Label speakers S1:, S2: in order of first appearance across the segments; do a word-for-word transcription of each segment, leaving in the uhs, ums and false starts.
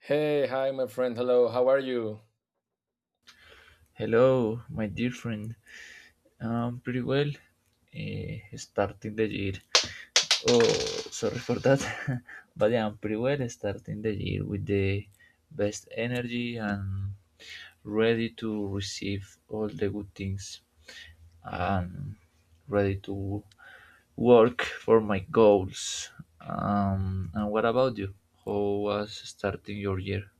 S1: Hey, hi, my friend. Hello, how are you?
S2: Hello, my dear friend. Um, pretty well. Uh, starting the year. Oh, Sorry for that. but yeah, I'm pretty well. Starting the year with the best energy and ready to receive all the good things and ready to work for my goals. Um, and what about you? How was starting your year?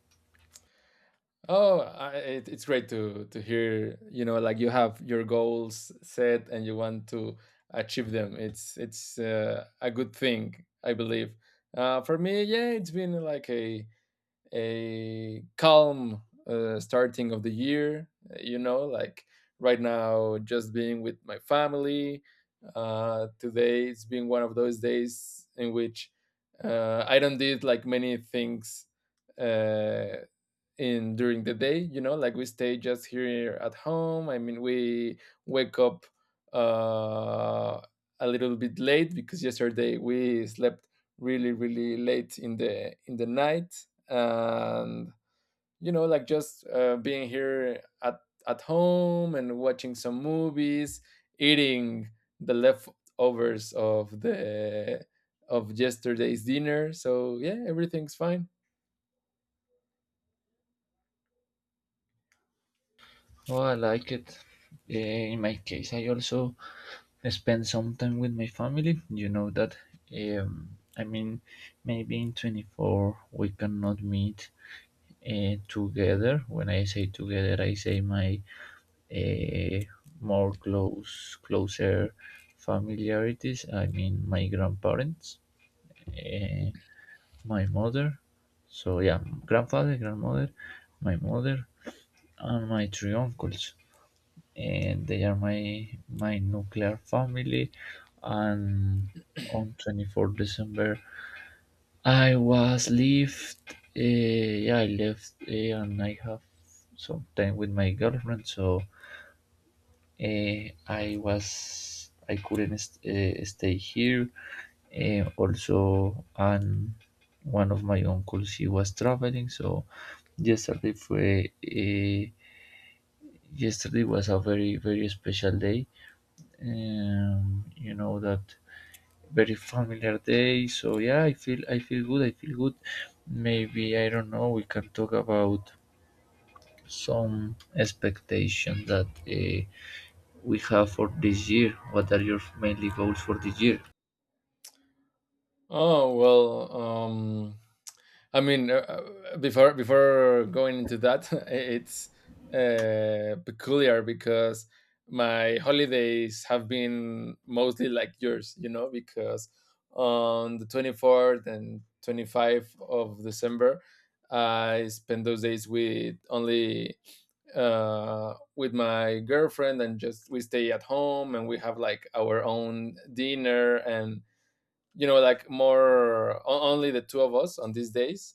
S1: Oh, I, it, it's great to to hear. You know, like you have your goals set and you want to achieve them. It's it's uh, a good thing, I believe. Uh, for me, yeah, it's been like a a calm uh, starting of the year, you know, like right now just being with my family. Uh, today it's been one of those days in which uh, I don't did like many things uh, in during the day, you know, like we stay just here at home. I mean, we wake up uh a little bit late because yesterday we slept really really late in the in the night. And, you know, like just uh, being here at at home and watching some movies, eating the leftovers of the of yesterday's dinner. So yeah, everything's fine.
S2: Oh, I like it. Eh, In my case, I also spend some time with my family. You know that. Um, I mean, maybe in twenty four we cannot meet uh, together. When I say together, I say my uh, more close, closer familiarities. I mean, my grandparents, uh, my mother. So yeah, grandfather, grandmother, my mother, and my three uncles and they are my my nuclear family and on 24 december i was left uh, yeah i left uh, and i have some time with my girlfriend so uh, i was i couldn't st- uh, stay here uh, also and one of my uncles he was traveling so yesterday fue uh, yesterday was a very very special day, um, you know that, very familiar day. So yeah, I feel i feel good i feel good. Maybe I don't know, we can talk about some expectation that uh, we have for this year. What are your mainly goals for this year?
S1: Oh well. um I mean, uh, uh, before before going into that, it's uh, peculiar because my holidays have been mostly like yours, you know, because on the twenty-fourth and twenty-fifth of December, I spend those days with only uh, with my girlfriend, and just we stay at home and we have like our own dinner. And, you know, like more o- only the two of us on these days.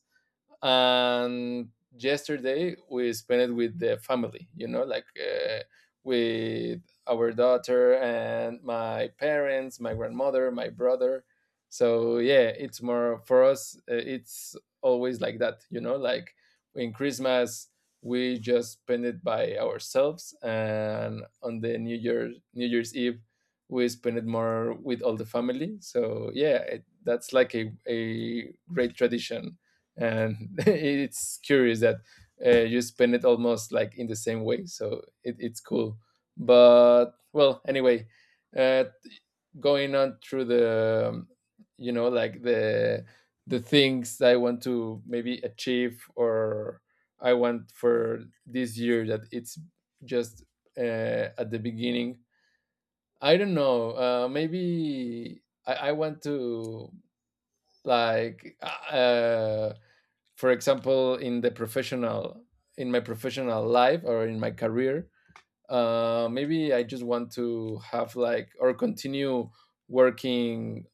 S1: And yesterday we spent it with the family, you know, like uh, with our daughter and my parents, my grandmother, my brother. So yeah, it's more for us. Uh, it's always like that, you know, like in Christmas we just spend it by ourselves, and on the new year new year's eve we spend it more with all the family. So yeah, it, that's like a, a great tradition. And it's curious that uh, you spend it almost like in the same way. So it, it's cool. But well, anyway, uh, going on through the um, you know, like the the things I want to maybe achieve or I want for this year. That it's just uh, at the beginning. I don't know, uh, maybe I, I want to, like, uh, for example, in the professional, in my professional life or in my career, uh, maybe I just want to have, like, or continue working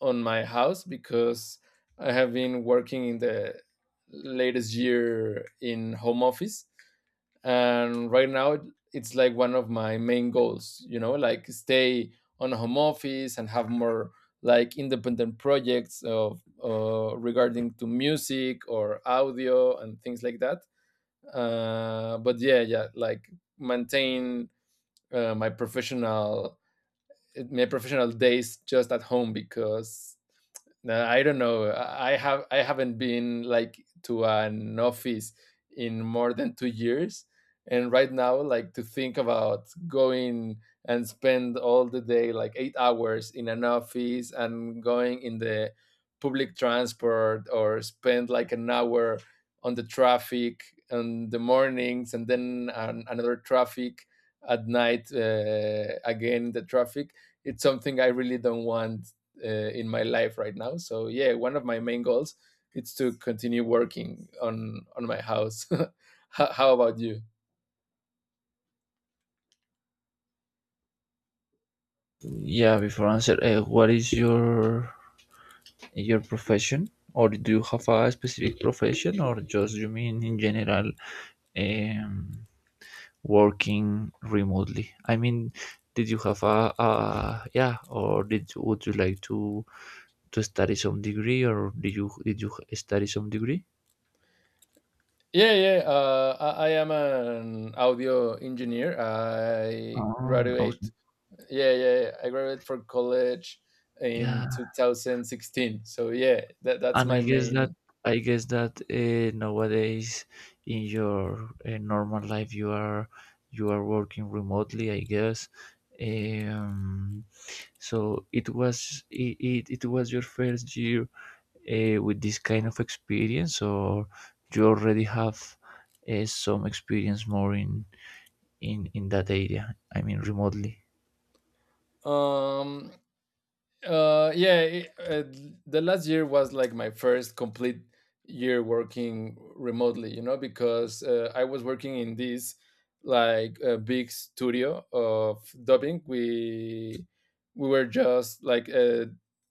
S1: on my house, because I have been working in the latest year in home office. And right now it- it's like one of my main goals, you know, like stay on home office and have more, like, independent projects of uh, regarding to music or audio and things like that. Uh, but yeah yeah, like, maintain uh, my professional my professional days just at home, because no, I don't know. I have I haven't been like to an office in more than two years, and right now, like to think about going and spend all the day, like eight hours in an office, and going in the public transport or spend like an hour on the traffic in the mornings, and then an, another traffic at night, uh, again the traffic. It's something I really don't want uh, in my life right now. So yeah, one of my main goals is to continue working on on my house. How, how about you?
S2: Yeah, before answer, uh, what is your your profession, or do you have a specific profession, or just you mean in general, um, working remotely? I mean, did you have a, a yeah, or did you, would you like to to study some degree, or did you did you study some degree?
S1: Yeah, yeah. Uh, I, I am an audio engineer. I
S2: Oh,
S1: graduate.
S2: awesome.
S1: Yeah, yeah. yeah, I graduated from college
S2: Yeah,
S1: in two thousand sixteen. So yeah, that that's
S2: and I
S1: my
S2: guess that
S1: main.
S2: I guess that uh, nowadays in your uh, normal life you are you are working remotely, I guess. Um, so it was it, it, it was your first year uh, with this kind of experience, or you already have uh, some experience more in in in that area? I mean, remotely.
S1: Um, uh yeah, it, uh, the last year was like my first complete year working remotely, you know, because uh, I was working in this, like, a big studio of dubbing. We we were just, like, uh,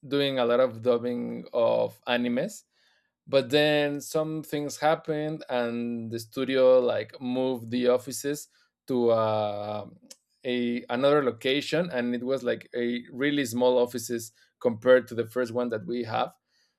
S1: doing a lot of dubbing of animes, but then some things happened and the studio, like, moved the offices to uh, a another location. And it was like a really small offices compared to the first one that we have.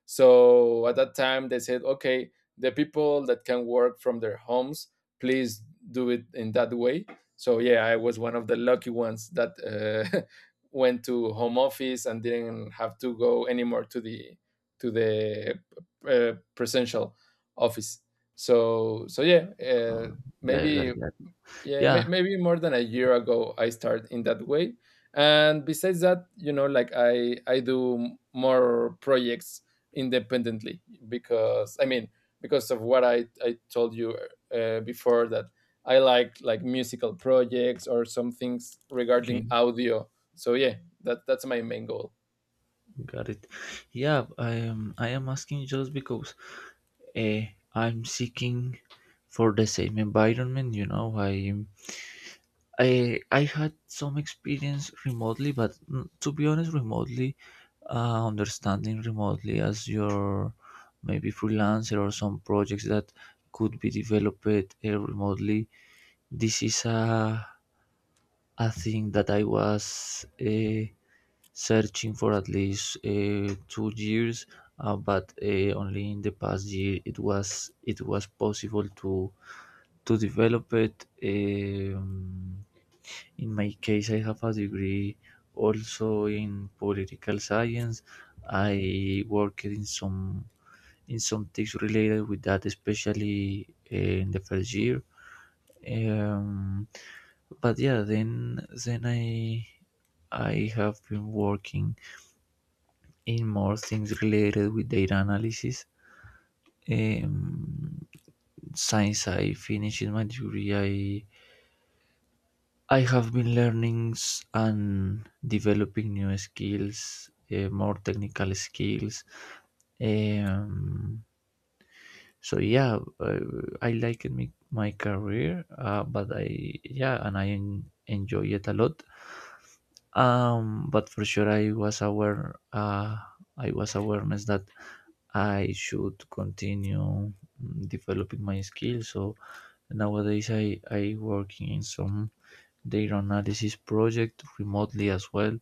S1: So at that time they said, okay, the people that can work from their homes, please do it in that way. So yeah, I was one of the lucky ones that uh, went to home office and didn't have to go anymore to the to the uh, presential office. So so yeah, uh,
S2: Um, yeah, I got
S1: maybe
S2: it. Got it.
S1: yeah may,
S2: Yeah,
S1: maybe more than a year ago I started in that way. And besides that, you know, like I I do more projects independently, because I mean, because of what I I told you uh, before that, I like like musical projects or some things
S2: okay,
S1: regarding audio. So yeah, that that's my main goal.
S2: got it. Yeah, I am. I am asking just because uh, I'm seeking for the same environment. You know, I I I had some experience remotely, but mm, to be honest, remotely uh, understanding remotely as your maybe freelancer or some projects that could be developed uh, remotely. This is a, a thing that I was uh, searching for at least uh, two years, uh, but uh, only in the past year it was it was possible to to develop it. Um, in my case, I have a degree also in political science. I worked in some in some things related with that, especially eh, in the first year. Um, but yeah, then then I I have been working in more things related with data analysis. Um, since I finished my degree, I have been learning s- and developing new skills, uh, more technical skills. Um, so yeah, uh, I like my, my career, uh, but I yeah, and I en- enjoy it a lot. Um, but for sure, I was aware. Uh, I was awareness that I should continue mm, developing my skills. So nowadays, I I working in some their analysis project remotely as well.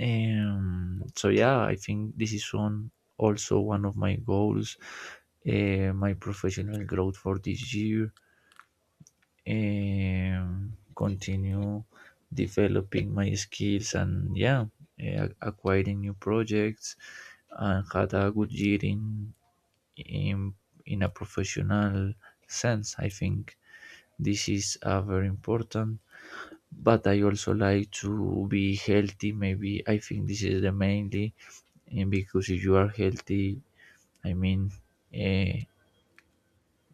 S2: Um, so yeah, I think this is on also one of my goals, uh, my professional growth for this year, um, continue developing my skills and yeah, uh, acquiring new projects and had a good year in in in a professional sense. I think this is uh, very important. But I also like to be healthy. Maybe I think this is the mainly, and because if you are healthy, I mean, uh,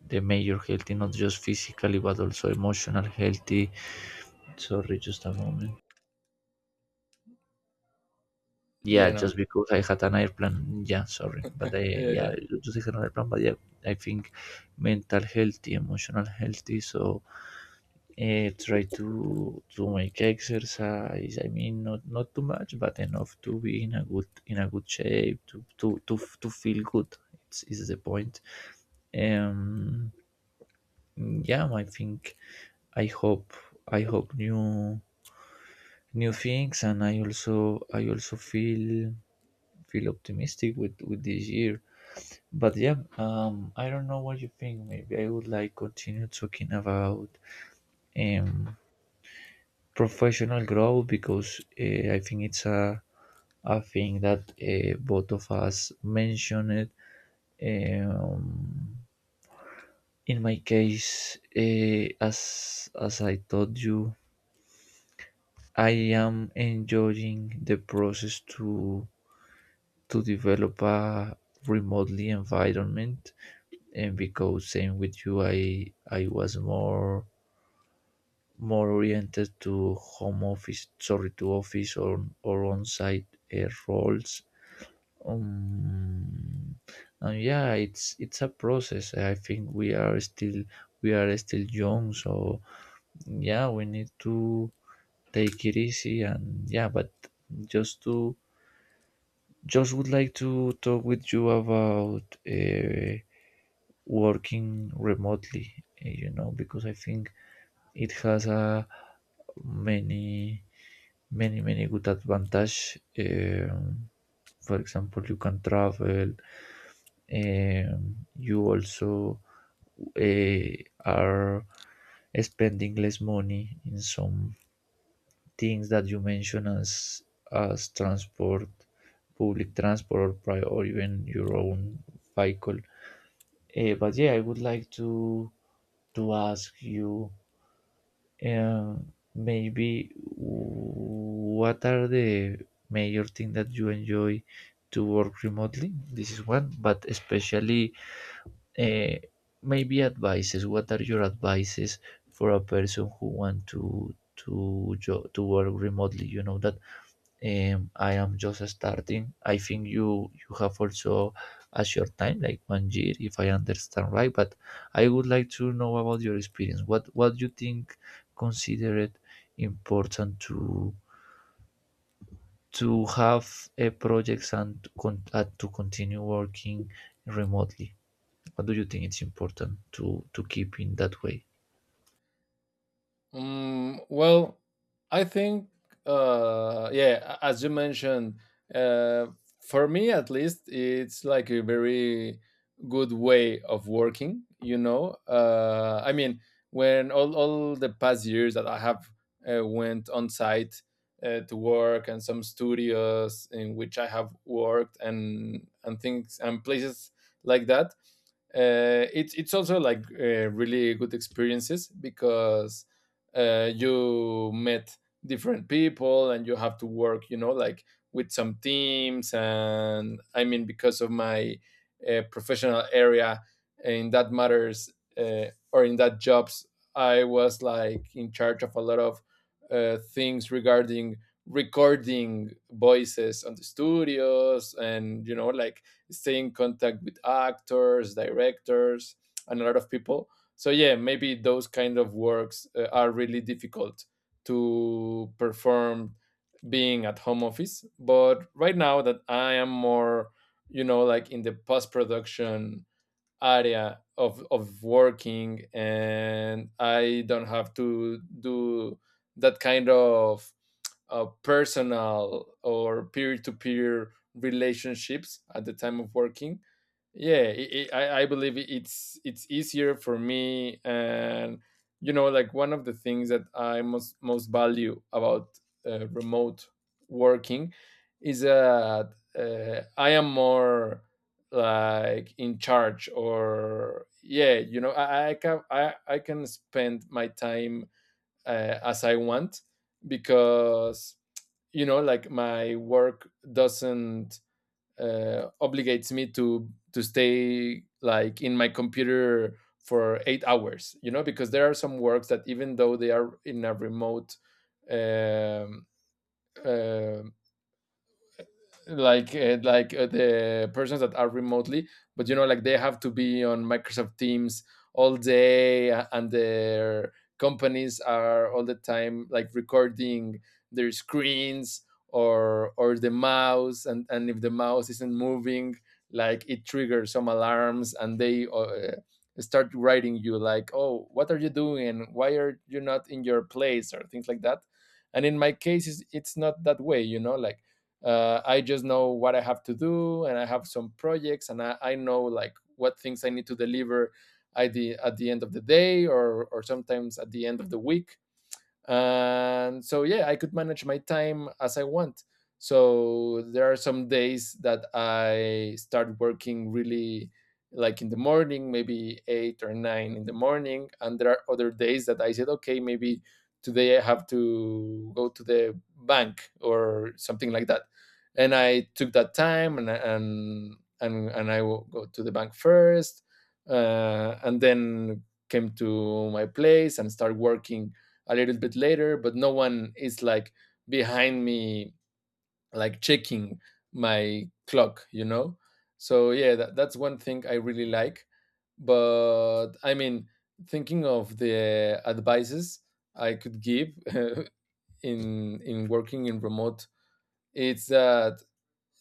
S2: the major healthy, not just physically but also emotional healthy. Sorry, just a moment. Yeah,
S1: Yeah, no.
S2: just because I had an airplane. Yeah, sorry, but I
S1: Yeah,
S2: yeah,
S1: yeah.
S2: I just had an airplane. But yeah, I think mental healthy, emotional healthy. So uh, try to to make exercise. I mean, not not too much but enough to be in a good in a good shape to to to, f- to feel good. It's, is the point. um yeah, I think I hope i hope new new things and i also i also feel feel optimistic with with this year. But yeah, um I don't know what you think. Maybe I would like continue talking about um professional growth because uh, I think it's a, a thing that uh, both of us mentioned. Um, in my case, uh, as as I told you, I am enjoying the process to to develop a remotely environment, and because same with you, I I was more more oriented to home office, sorry, to office or or on site uh, roles. Um, and yeah, it's it's a process. I think we are still we are still young, so yeah, we need to take it easy and yeah. But just to just would like to talk with you about uh, working remotely. eh, You know, because I think it has a many many many good advantage. Um, for example, you can travel. Um, you also eh, are spending less money in some things that you mentioned as as transport, public transport, or, pri- or even your own vehicle. Eh, but yeah, I would like to to ask you uh, maybe what are the major things that you enjoy to work remotely? This is one, but especially uh, maybe advices. What are your advices for a person who want to to jo- to work remotely? You know that um, I am just starting. I think you you have also a short time, like one year, if I understand right. But I would like to know about your experience. What what you think consider it important to to have a projects and to, con- and to continue working remotely? What do you think it's important to, to keep in that way?
S1: Mm, well, I think, uh, yeah, a- as you mentioned, uh, for me at least, it's like a very good way of working, you know? Uh, I mean, when all, all the past years that I have uh, went on site, uh, to work and some studios in which I have worked, and, and things and places like that, uh, it's it's also like uh, really good experiences, because uh, you met different people and you have to work, you know, like with some teams. And I mean, because of my uh, professional area in that matters, uh, or in that jobs I was, like, in charge of a lot of uh, things regarding recording voices on the studios, and, you know, like stay in contact with actors, directors, and a lot of people. So yeah, maybe those kind of works uh, are really difficult to perform being at home office. But right now that I am more, you know, like in the post production area of of working, and I don't have to do that kind of uh, personal or peer to peer relationships at the time of working, yeah, it, it, I, I believe it- it's it's easier for me. And, you know, like, one of the things that I most most value about uh, remote working is that uh, I am more, like, in charge, or yeah, you know, i, I can I, I can spend my time uh, as I want, because, you know, like my work doesn't uh, obligates me to to stay, like, in my computer for eight hours. You know, because there are some works that even though they are in a remote, um, uh, like uh, like uh, the persons that are remotely, but, you know, like they have to be on Microsoft Teams all day, a- and their companies are all the time like recording their screens, or or the mouse, and and if the mouse isn't moving, like, it triggers some alarms, and they uh, start writing you, like, oh, what are you doing, why are you not in your place or things like that. And in my case it's, it's not that way, you know, like uh, I just know what I have to do, and I have some projects, and i, I know, like, what things I need to deliver at the, at the end of the day, or, or sometimes at the end of the week. And so yeah, I could manage my time as I want. So there are some days that I start working really, like, in the morning, maybe eight or nine in the morning, and there are other days that I said, okay, maybe today I have to go to the bank or something like that, and I took that time and and and, and I will go to the bank first. Uh, and then came to my place and start working a little bit later, but no one is like behind me, like checking my clock, you know? So yeah, that, that's one thing I really like. But I mean, thinking of the advices I could give, in in working in remote, it's that,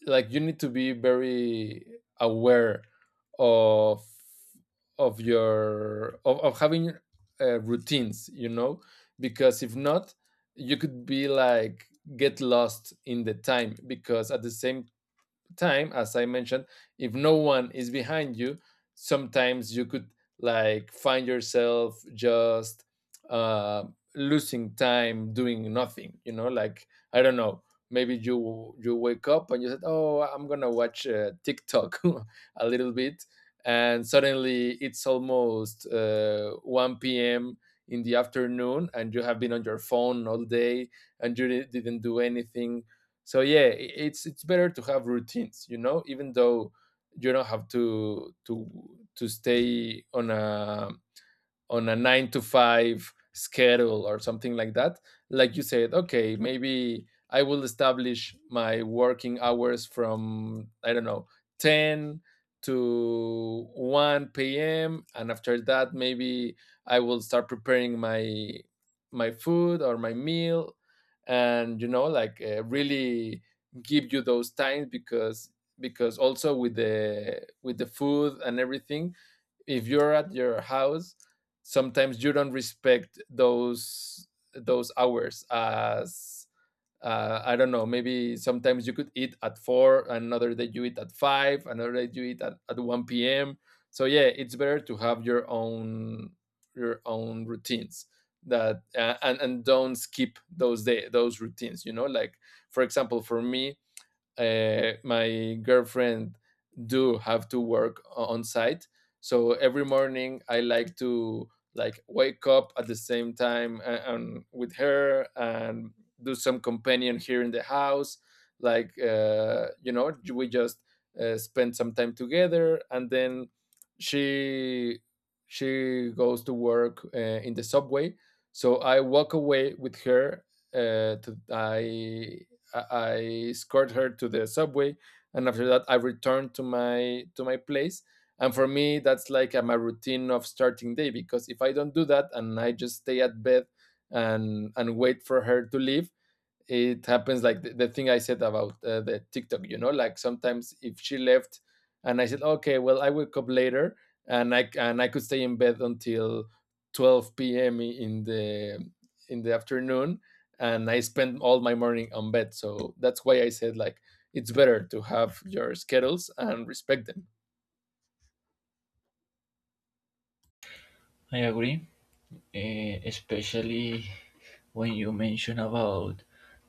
S1: like, you need to be very aware of of your of, of having uh, routines, you know, because if not, you could be, like, get lost in the time. Because at the same time, as I mentioned, if no one is behind you, sometimes you could, like, find yourself just uh, losing time doing nothing. You know, like, I don't know. Maybe you you wake up and you said, "Oh, I'm gonna watch uh, TikTok a little bit," and suddenly it's almost uh, one p m in the afternoon, and you have been on your phone all day, and you di- didn't do anything. So yeah, i- it's it's better to have routines, you know, even though you don't have to to to stay on a on a nine to five schedule or something like that. Like, you said, okay, maybe I will establish my working hours from, I don't know, ten to one p m And after that, maybe I will start preparing my my food or my meal and you know like uh, really give you those times because because also with the with the food and everything, if you're at your house, sometimes you don't respect those those hours as uh, I don't know. Maybe sometimes you could eat at four, another day you eat at five, another day you eat at, at one p m p.m. So yeah, it's better to have your own your own routines. That uh, and and don't skip those day those routines, you know like for example, for me, uh, my girlfriend do have to work o- on site, so every morning I like to, like, wake up at the same time and, and with her and do some companion here in the house, like, uh, you know we just uh, spend some time together, and then she she goes to work uh, in the subway. So I walk away with her, uh, to, i I, I escort her to the subway, and after that, I return to my to my place. And for me, that's like uh, my routine of starting day. Because if I don't do that and I just stay at bed and and wait for her to leave, it happens like the, the thing I said about uh, the TikTok, you know, like, sometimes if she left and I said, okay, well, I wake up later, and I, and I could stay in bed until twelve p m in the, in the afternoon, and I spend all my morning on bed. So that's why I said, like, it's better to have your schedules and respect them.
S2: I agree, eh, especially when you mention about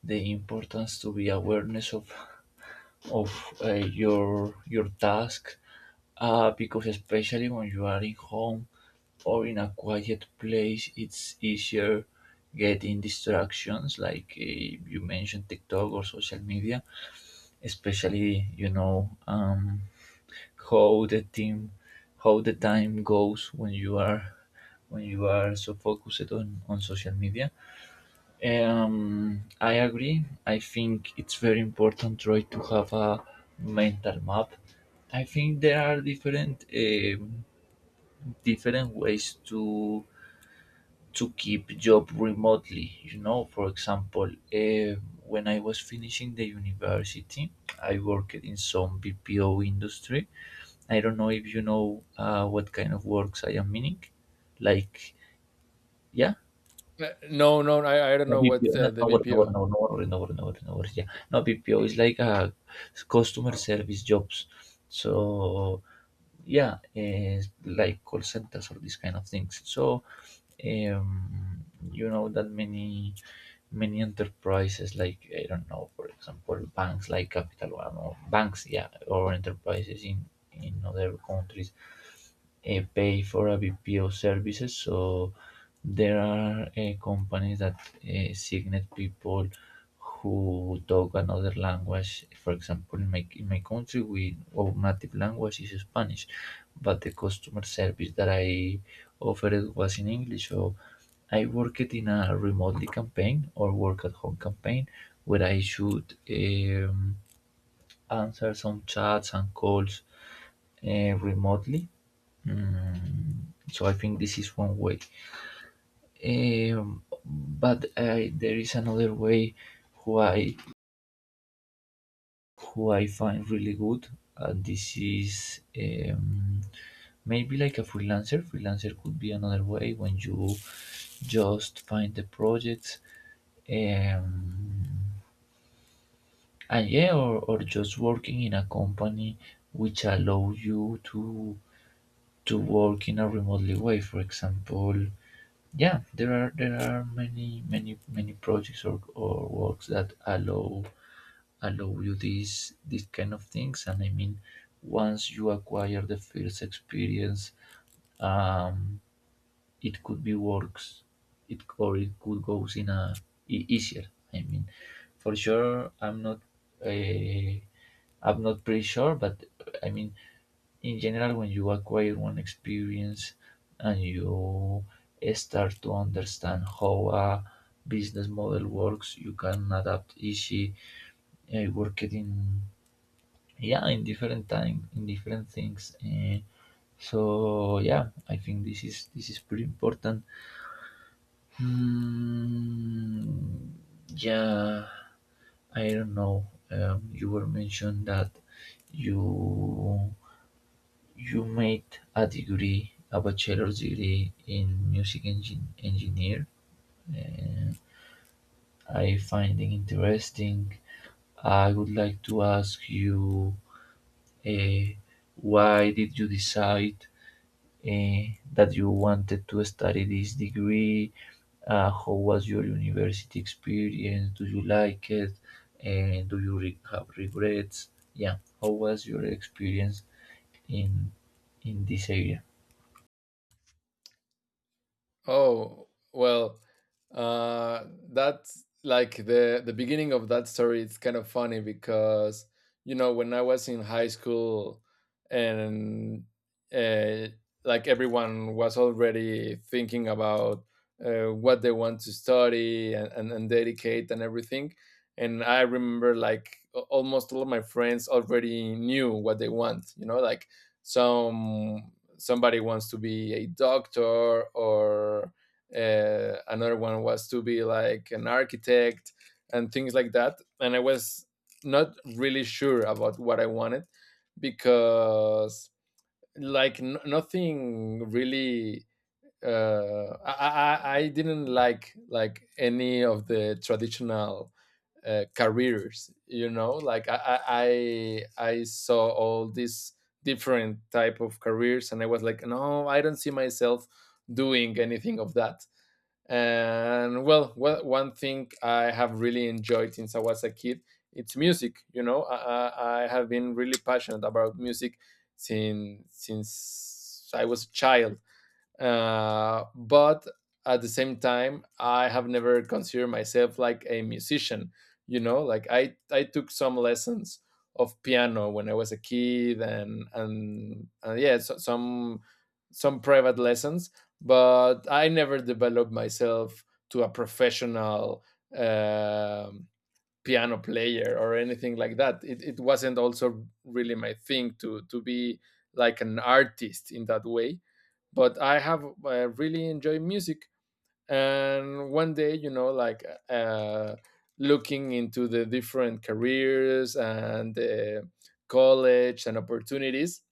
S2: the importance to be awareness of of uh, your your task, uh, because especially when you are in home or in a quiet place, it's easier getting distractions like uh, you mentioned TikTok or social media, especially you know um, how the team how the time goes when you are when you are so focused on, on social media. Um, i agree. I think it's very important try to have a mental map. I think there are different um different ways to to keep job remotely, you know, for example, um when i was finishing the university, i worked in some B P O industry. I don't know if you know uh, what kind of works I am meaning. Like, yeah,
S1: Uh, No, no, I, I don't
S2: no
S1: know
S2: B P O,
S1: what
S2: no,
S1: uh, the
S2: no, worry, no, worry,
S1: B P O.
S2: no, worry, no, worry, no, worry, no, worry, no, yeah, no B P O is like a customer service jobs. So yeah, it's like call centers or these kind of things. So um, you know that many many enterprises like i don't know, for example, banks like Capital One or banks, yeah, or enterprises in in other countries uh, pay for a B P O services. So there are uh, companies that uh, signate people who talk another language. For example, in my, in my country we our native language is Spanish, but the customer service that i offered was in English. So I worked in a remotely campaign or work at home campaign where I should um, answer some chats and calls uh, remotely. Mm, so I think this is one way. Um, but I, there is another way who I who I find really good, and this is um, maybe like a freelancer. Freelancer could be another way when you just find the projects. Um, and yeah, or, or just working in a company which allow you to to work in a remotely way, for example. Yeah, there are there are many many many projects or, or works that allow allow you these these kind of things. And I mean, once you acquire the first experience, um, it could be works it or it could goes in a e- easier. I mean, for sure I'm not uh, I'm not pretty sure, but I mean, in general, when you acquire one experience and you start to understand how a business model works, you can adapt easy uh, work it in, yeah, in different time in different things. Uh, so yeah, I think this is this is pretty important. Hmm. Yeah, I don't know. Um, you were mentioned that you you made a degree, a bachelor's degree in music engin- engineer. Uh, I find it interesting. I would like to ask you, uh, why did you decide eh, that you wanted to study this degree? Uh, how was your university experience? Do you like it? And do you re- have regrets? Yeah, how was your experience in in this area?
S1: Oh, well, uh, that's like the the beginning of that story. It's kind of funny because, you know, when I was in high school, and uh, like everyone was already thinking about uh, what they want to study and, and, and dedicate and everything. And I remember, like, a- almost all of my friends already knew what they want, you know, like, some somebody wants to be a doctor, or uh, another one was to be like an architect and things like that. And I was not really sure about what I wanted, because, like, n- nothing really uh, I, I i didn't like like any of the traditional uh, careers, you know, like, I, I i saw all these different type of careers, and I was like, no, I don't see myself doing anything of that. And well, one one thing I have really enjoyed since I was a kid, it's music. You know, i, I I have been really passionate about music since since I was a child. Uh, but at the same time, I have never considered myself like a musician, you know, like, i I took some lessons of piano when I was a kid, and and, and yeah, so, some some private lessons, but I never developed myself to a professional, um piano player or anything like that. It, it wasn't also really my thing to to be like an artist in that way, but I have uh, really enjoyed music. And one day, you know, like, uh, looking into the different careers and uh, college and opportunities,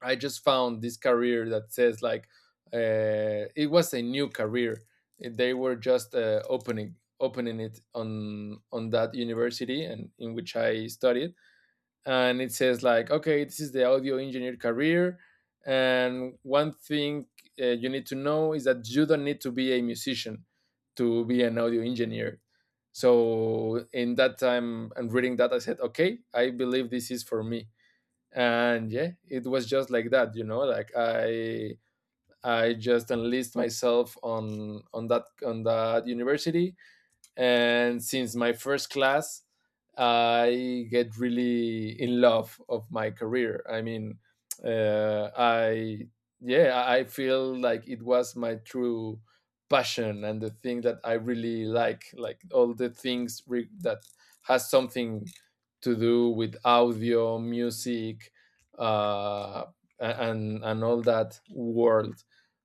S1: I just found this career that says like, uh, it was a new career. They were just uh, opening opening it on on that university and in which I studied, and it says like, okay, this is the audio engineer career. And one thing uh, you need to know is that you don't need to be a musician to be an audio engineer. So in that time and reading that, I said, okay, I believe this is for me. And yeah, it was just like that, you know, like, i I just enlist myself on on that on that university. And since my first class, I get really in love of my career. I mean, uh, I yeah, I feel like it was my true passion, and the thing that I really like like all the things re- that has something to do with audio music, uh, a- and and all that world.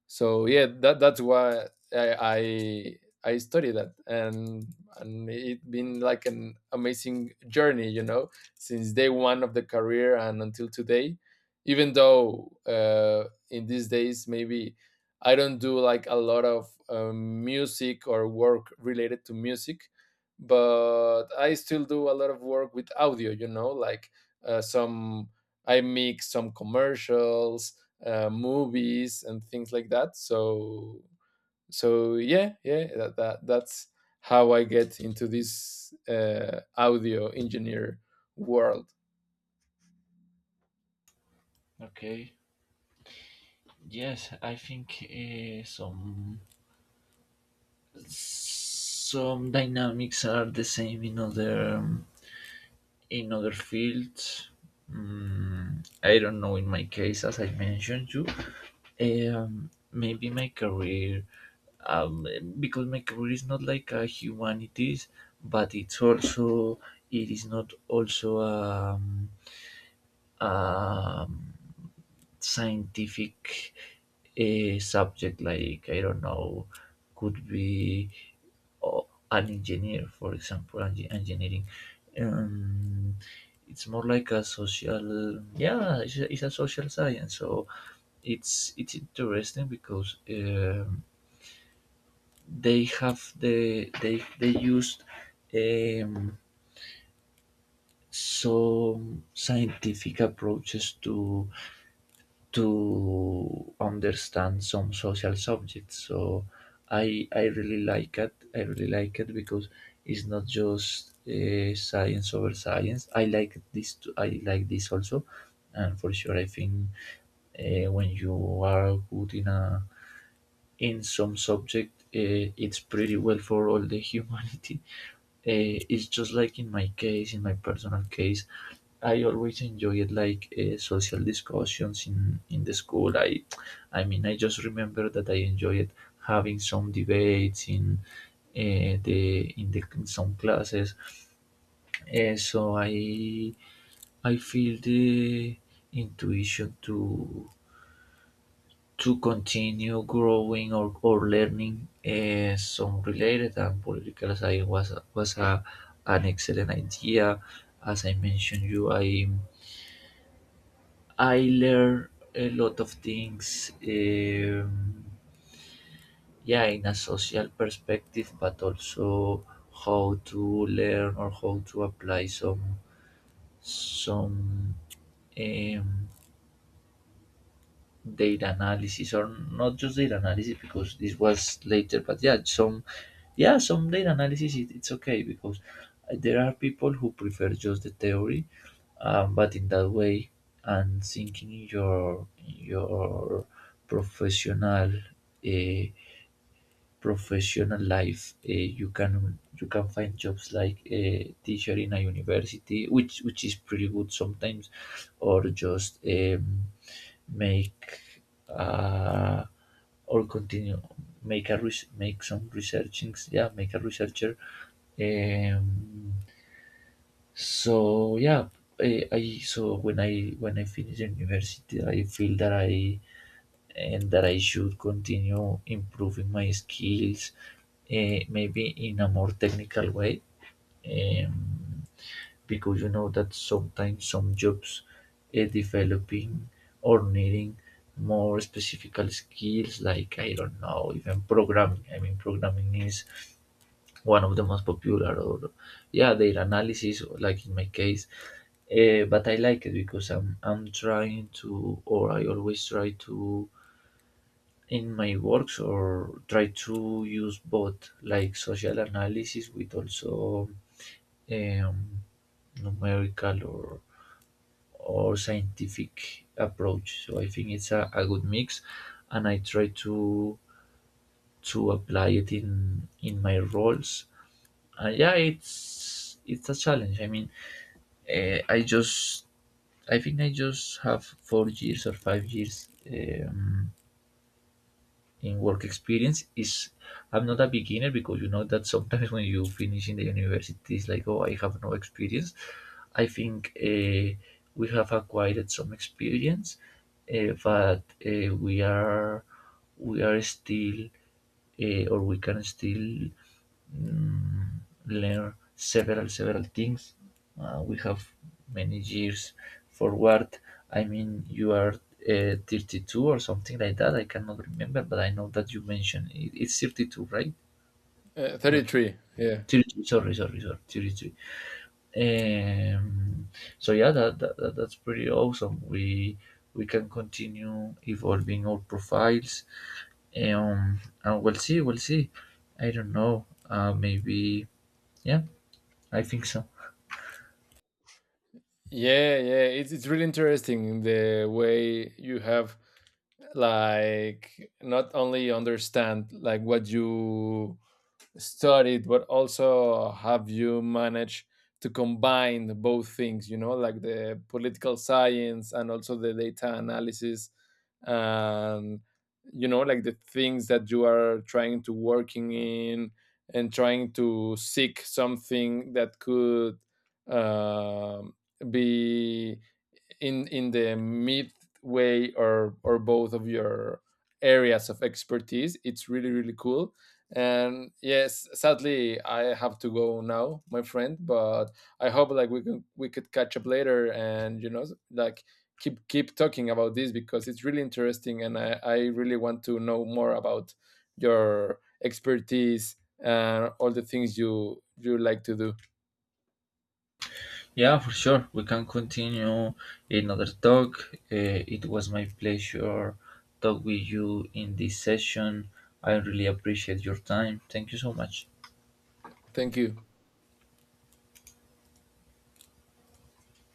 S1: So yeah, that that's why I I I studied that. And and it been like an amazing journey, you know, since day one of the career and until today. Even though uh, in these days, maybe I don't do like a lot of um, music or work related to music, but I still do a lot of work with audio. You know, like, uh, some I mix some commercials, uh, movies, and things like that. So so yeah yeah, that, that that's how I get into this uh, audio engineer world.
S2: Okay. Yes, I think uh, some some dynamics are the same in other um, in other fields. Mm, I don't know in my case. As I mentioned you, Um, maybe my career, um, because my career is not like a humanities, but it's also it is not also um, um, scientific a subject. Like I don't know, could be uh, an engineer, for example, enge- engineering. um, it's more like a social, yeah, it's a, it's a social science. So it's it's interesting because um, they have the they they used um, some scientific approaches to to understand some social subjects. So I I really like it. I really like it because it's not just uh, science over science. I like this too. I like this also, and for sure I think uh, when you are good in a in some subject, uh, it's pretty well for all the humanity. uh, it's just like in my case, in my personal case, I always enjoyed like uh, social discussions in in the school. i i mean, I just remember that I enjoyed having some debates in uh, the in the in some classes. Uh, so i i feel the intuition to to continue growing or, or learning uh, some related, and political science was was a, an excellent idea. As I mentioned you, I I learned a lot of things. Um, yeah, in a social perspective, but also how to learn or how to apply some some um, data analysis, or not just data analysis because this was later, but yeah, some yeah, some data analysis, it, it's okay because there are people who prefer just the theory. Um, but in that way, and thinking in your in your professional uh, professional life. Eh, you can you can find jobs like a teacher in a university, which which is pretty good sometimes, or just um, make uh, or continue make a res- make some researchings. Yeah, make a researcher. Um, so yeah, I, I so when I when I finish university, I feel that I and that I should continue improving my skills, uh, maybe in a more technical way, um, because you know that sometimes some jobs uh, developing or needing more specific skills, like I don't know, even programming. I mean, programming is one of the most popular, or yeah, their analysis like in my case. Uh, but I like it because i'm i'm trying to, or I always try to in my works, or try to use both like social analysis with also um, numerical or or scientific approach. So I think it's a, a good mix, and I try to to apply it in in my roles. And yeah, it's it's a challenge. I mean, Uh, I just, I think I just have four years or five years um, in work experience. Is I'm not a beginner because you know that sometimes when you finish in the university, it's like, oh, I have no experience. I think uh, we have acquired some experience, uh, but uh, we are we are still uh, or we can still mm, learn several several things. Uh, we have many years forward. I mean, you are uh, thirty-two or something like that. I cannot remember, but I know that you mentioned it, it's thirty-two, right?
S1: uh,
S2: Or
S1: thirty-three, yeah.
S2: thirty-three, sorry, sorry, sorry, thirty-three. Um, so yeah, that, that, that that's pretty awesome. We we can continue evolving our profiles. Um, and we'll see, we'll see. I don't know. Uh, maybe, yeah, I think so.
S1: Yeah, yeah it's, it's really interesting the way you have, like, not only understand like what you studied, but also have you managed to combine both things, you know, like, the political science and also the data analysis. And you know, like, the things that you are trying to working in and trying to seek something that could, um, be in in the midway or or both of your areas of expertise. It's really really cool. And yes, sadly I have to go now, my friend. But I hope like we can, we could catch up later, and you know, like, keep keep talking about this because it's really interesting, and I, I really want to know more about your expertise and all the things you you like to do.
S2: Yeah, for sure. We can continue another talk. Uh, it was my pleasure talk with you in this session. I really appreciate your time. Thank you so much.
S1: Thank you.